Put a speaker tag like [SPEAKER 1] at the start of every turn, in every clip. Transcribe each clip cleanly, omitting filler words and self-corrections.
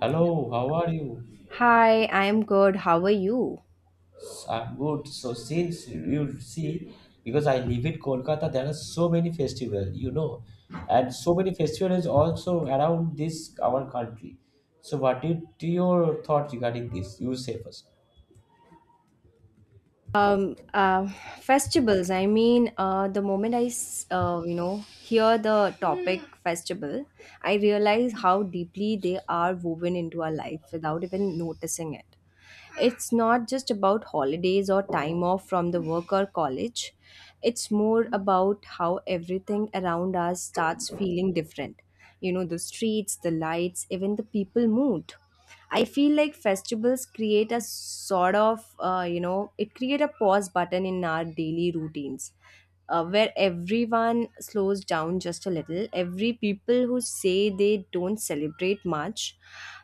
[SPEAKER 1] Hello, how are you?
[SPEAKER 2] Hi, I'm good. How are you?
[SPEAKER 1] I'm good. So since you see, because I live in Kolkata, there are so many festivals, you know, and so many festivals also around this our country. So what did your thought regarding this? You say first.
[SPEAKER 2] Um, uh, Festivals. I mean, the moment I hear the topic festival, I realize how deeply they are woven into our life without even noticing it. It's not just about holidays or time off from the work or college. It's more about how everything around us starts feeling different. You know, the streets, the lights, even the people mood. I feel like festivals create a sort of, it create a pause button in our daily routines where everyone slows down just a little. Every people who say they don't celebrate much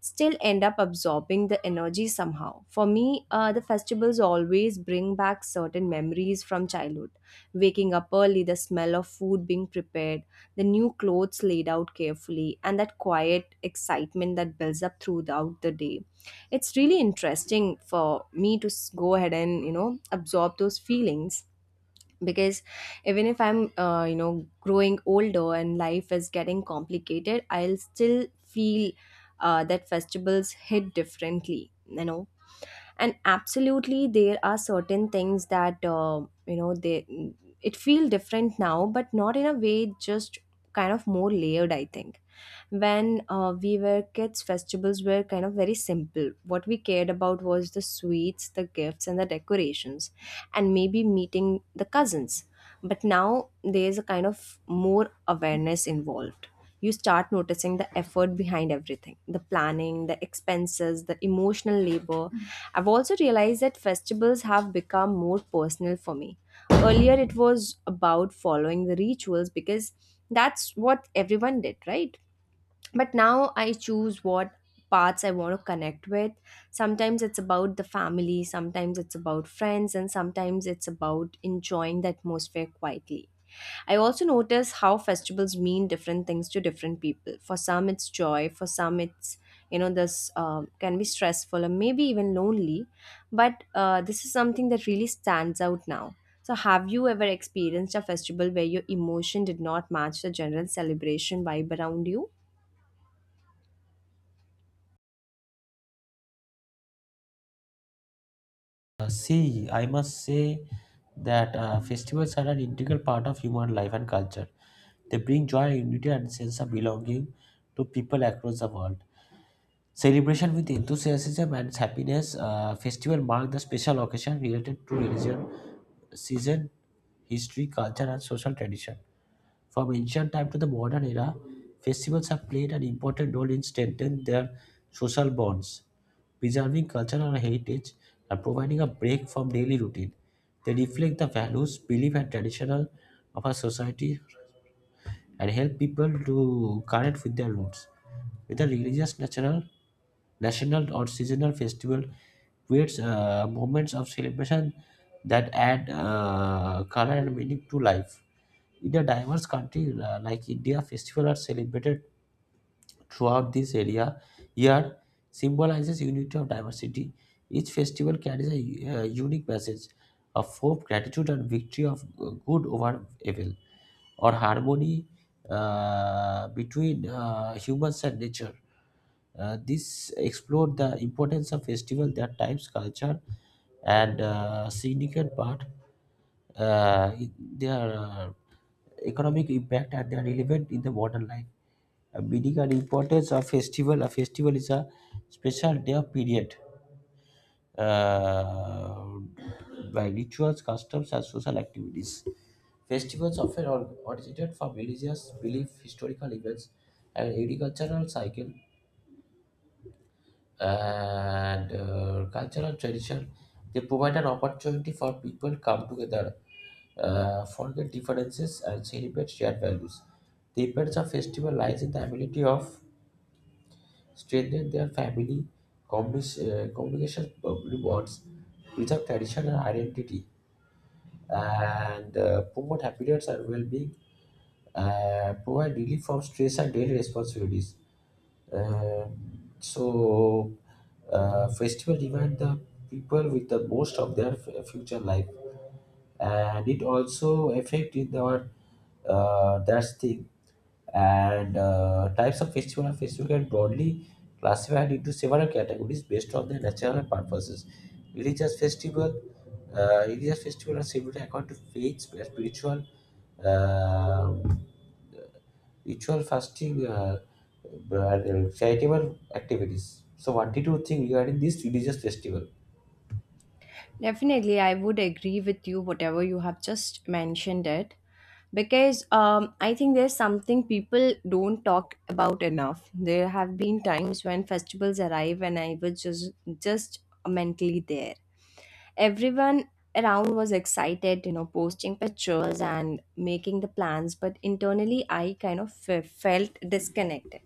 [SPEAKER 2] still end up absorbing the energy somehow. For me, the festivals always bring back certain memories from childhood. Waking up early, the smell of food being prepared, the new clothes laid out carefully, and that quiet excitement that builds up throughout the day. It's really interesting for me to go ahead and, you know, absorb those feelings because even if I'm you know growing older and life is getting complicated I'll still feel that festivals hit differently you know. And absolutely there are certain things that you know they it feel different now, but not in a way, just kind of more layered I think. When we were kids festivals were kind of very simple. What we cared about was the sweets, the gifts, and the decorations, and maybe meeting the cousins. But now there's a kind of more awareness involved. You start noticing the effort behind everything, the planning, the expenses, the emotional labor. I've also realized that festivals have become more personal for me. Earlier it was about following the rituals because that's what everyone did, right? But now I choose what parts I want to connect with. Sometimes it's about the family, sometimes it's about friends, and sometimes it's about enjoying the atmosphere quietly. I also notice how festivals mean different things to different people. For some it's joy, for some it's, you know, this can be stressful or maybe even lonely. But this is something that really stands out now. So have you ever experienced a festival where your emotion did not match the general celebration vibe around you?
[SPEAKER 1] See, I must say that festivals are an integral part of human life and culture. They bring joy, unity, and sense of belonging to people across the world. Celebration with enthusiasm and happiness, festival mark the special occasion related to religion, season, history, culture, and social tradition. From ancient time to the modern era, festivals have played an important role in strengthening their social bonds, preserving cultural heritage, and providing a break from daily routine. They reflect the values, belief, and traditional of our society and help people to connect with their roots. With a religious natural National or seasonal festival creates moments of celebration that add color and meaning to life. In a diverse country like India, festivals are celebrated throughout this area. Year symbolizes unity of diversity. Each festival carries a unique message of hope, gratitude, and victory of good over evil or harmony between humans and nature. This explored the importance of festival, their times, culture, and significant part, in their economic impact, and their relevant in the modern life. Meaning and importance of festival. A festival is a special day or period uh, by rituals, customs, and social activities. Festivals often are originated from religious belief, historical events, and agricultural cycle and cultural tradition. They provide an opportunity for people to come together, forget differences, and celebrate shared values. The importance of festival lies in the ability of strengthening their family, communication bonds, preserve tradition and identity and promote happiness and well-being, provide relief from stress and daily responsibilities. Uh, so, festival remind the people with the most of their future life and it also affected our that's thing and types of festival festival can broadly classified into several categories based on their nature and purposes religious festival. Religious festival are similar according to faith spiritual uh, ritual fasting, charitable activities. So what did you think regarding this religious festival?
[SPEAKER 2] Definitely, I would agree with you, whatever you have just mentioned it. Because I think there's something people don't talk about enough. There have been times when festivals arrive and I was just mentally there. Everyone around was excited, you know, posting pictures and making the plans, but internally I kind of felt disconnected.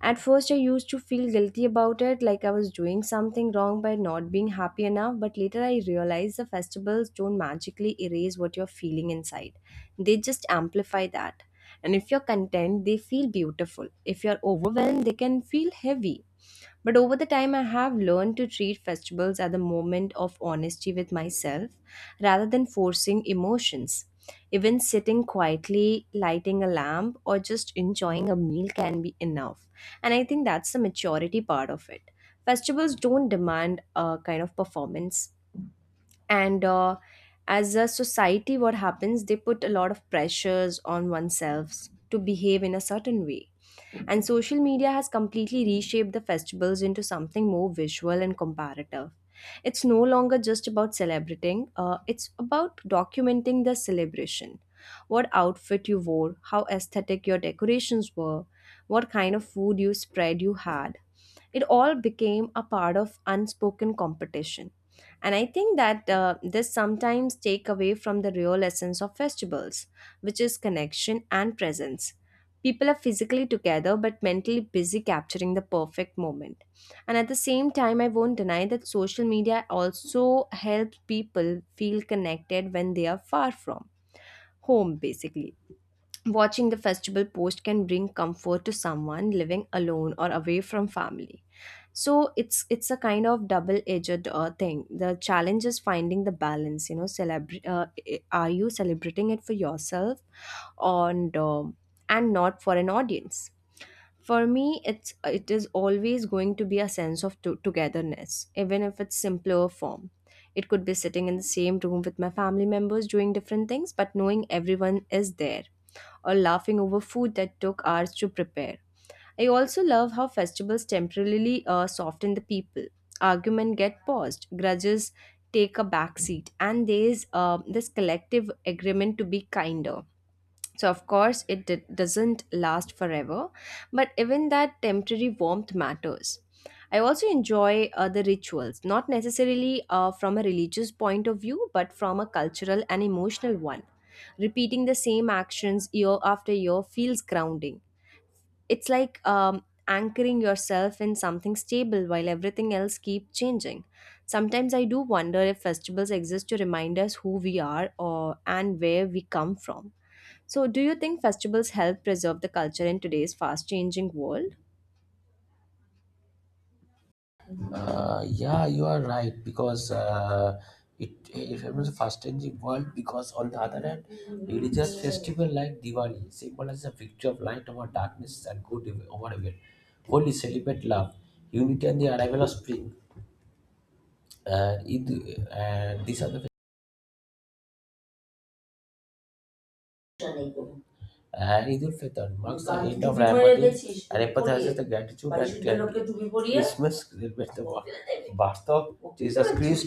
[SPEAKER 2] At first, I used to feel guilty about it, like I was doing something wrong by not being happy enough, but later I realized the festivals don't magically erase what you're feeling inside. They just amplify that. And if you're content, they feel beautiful. If you're overwhelmed, they can feel heavy. But over the time, I have learned to treat festivals at the moment of honesty with myself rather than forcing emotions. Even sitting quietly, lighting a lamp, or just enjoying a meal can be enough. And I think that's the maturity part of it. Festivals don't demand a kind of performance. And as a society, what happens, they put a lot of pressures on oneself to behave in a certain way, and social media has completely reshaped the festivals into something more visual and comparative. It's no longer just about celebrating, it's about documenting the celebration. What outfit you wore, how aesthetic your decorations were, what kind of food you spread you had. It all became a part of unspoken competition. And I think that this sometimes take away from the real essence of festivals, which is connection and presence. People are physically together but mentally busy capturing the perfect moment. And at the same time, I won't deny that social media also helps people feel connected when they are far from home, basically. Watching the festival post can bring comfort to someone living alone or away from family. So it's a kind of double edged thing. The challenge is finding the balance, you know, are you celebrating it for yourself and and not for an audience? For me it is always going to be a sense of togetherness, even if it's simpler form. It could be sitting in the same room with my family members doing different things but knowing everyone is there, or laughing over food that took hours to prepare. I also love how festivals temporarily soften the people. Argument get paused, grudges take a backseat, and there's this collective agreement to be kinder. So of course, it doesn't last forever, but even that temporary warmth matters. I also enjoy the rituals, not necessarily from a religious point of view, but from a cultural and emotional one. Repeating the same actions year after year feels grounding. It's like anchoring yourself in something stable while everything else keep changing. Sometimes I do wonder if festivals exist to remind us who we are, or and where we come from. So do you think festivals help preserve the culture in today's fast changing world?
[SPEAKER 1] Yeah, you are right, because it was a fast-changing world. Because on the other hand, religious festival like Diwali symbolizes a victory of light over darkness and good over evil. Holi celebrate love, unity, and the arrival of spring. Uh, Eid, these are the, and Eid ul Fitr marks the end of Ramadan and emphasizes the gratitude, and Christmas celebrates the birth of Jesus Christ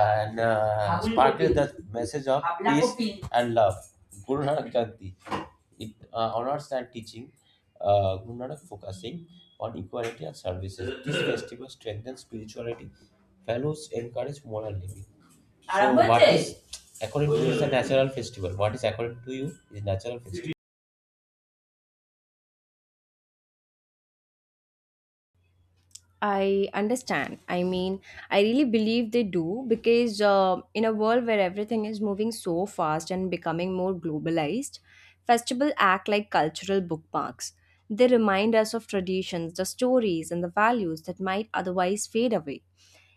[SPEAKER 1] and sparkles the message of peace and love. Guru Nanak Jayanti. It honors and teaching Guru Nanak, focusing on equality and services. This festival strengthens spirituality, values encourage moral living. So, what is according to you is a natural festival? What is according to you is natural festival?
[SPEAKER 2] I understand. I mean, I really believe they do because in a world where everything is moving so fast and becoming more globalized, festivals act like cultural bookmarks. They remind us of traditions, the stories, and the values that might otherwise fade away.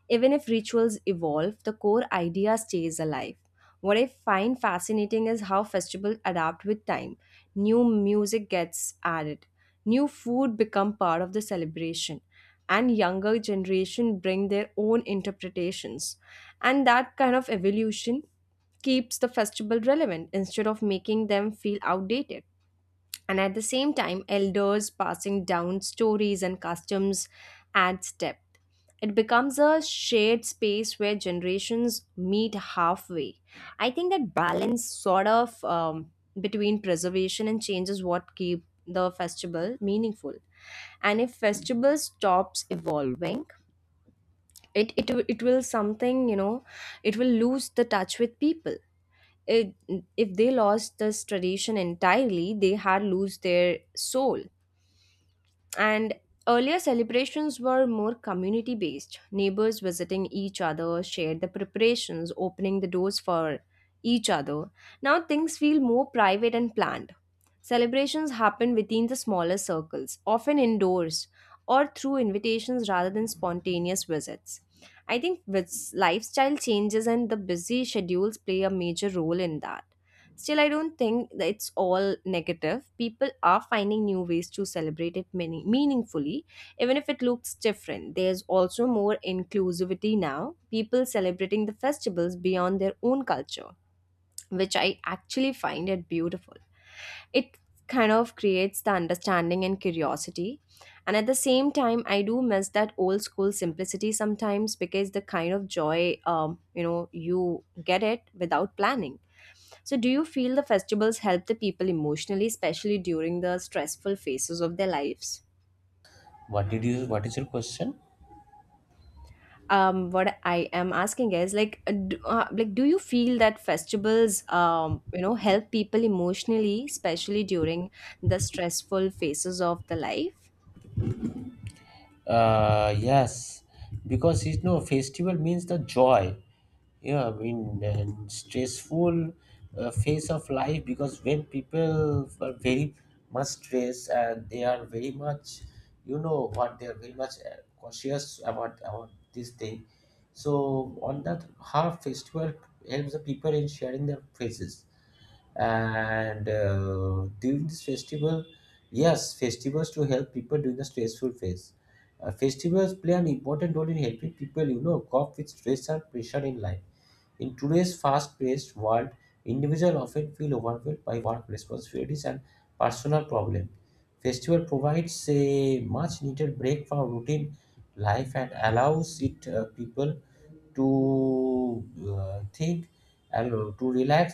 [SPEAKER 2] Even if rituals evolve, the core idea stays alive. What I find fascinating is how festivals adapt with time. New music gets added, new food become part of the celebration, and younger generation bring their own interpretations. And that kind of evolution keeps the festival relevant instead of making them feel outdated. And at the same time, elders passing down stories and customs add depth. It becomes a shared space where generations meet halfway. I think that balance sort of between preservation and change is what keep the festival meaningful. And if festival stops evolving, it will something, you know, it will lose the touch with people. It, if they lost this tradition entirely, they had lose their soul. And earlier celebrations were more community based. Neighbors visiting each other, shared the preparations, opening the doors for each other. Now things feel more private and planned. Celebrations happen within the smaller circles, often indoors or through invitations rather than spontaneous visits. I think with lifestyle changes and the busy schedules play a major role in that. Still, I don't think that it's all negative. People are finding new ways to celebrate it many, meaningfully, even if it looks different. There's also more inclusivity now, people celebrating the festivals beyond their own culture, which I actually find it beautiful. It kind of creates the understanding and curiosity. And at the same time I do miss that old school simplicity sometimes, because the kind of joy you know you get it without planning. So do you feel the festivals help the people emotionally, especially during the stressful phases of their lives?
[SPEAKER 1] What did you? What is your question?
[SPEAKER 2] What I am asking is, like do, like do you feel that festivals you know help people emotionally especially during the stressful phases of the life?
[SPEAKER 1] Yes, because you know, festival means the joy. Yeah, I mean, and stressful phase of life, because when people are very much stressed and they are very much, you know, what they are very much cautious about this thing. So on that, half festival helps the people in sharing their faces and during this festival, yes, festivals to help people during the stressful phase. Festivals play an important role in helping people, you know, cope with stress and pressure in life. In today's fast-paced world, individuals often feel overwhelmed by work responsibilities and personal problems. Festival provides a much needed break from routine life and allows it people to think and to relax,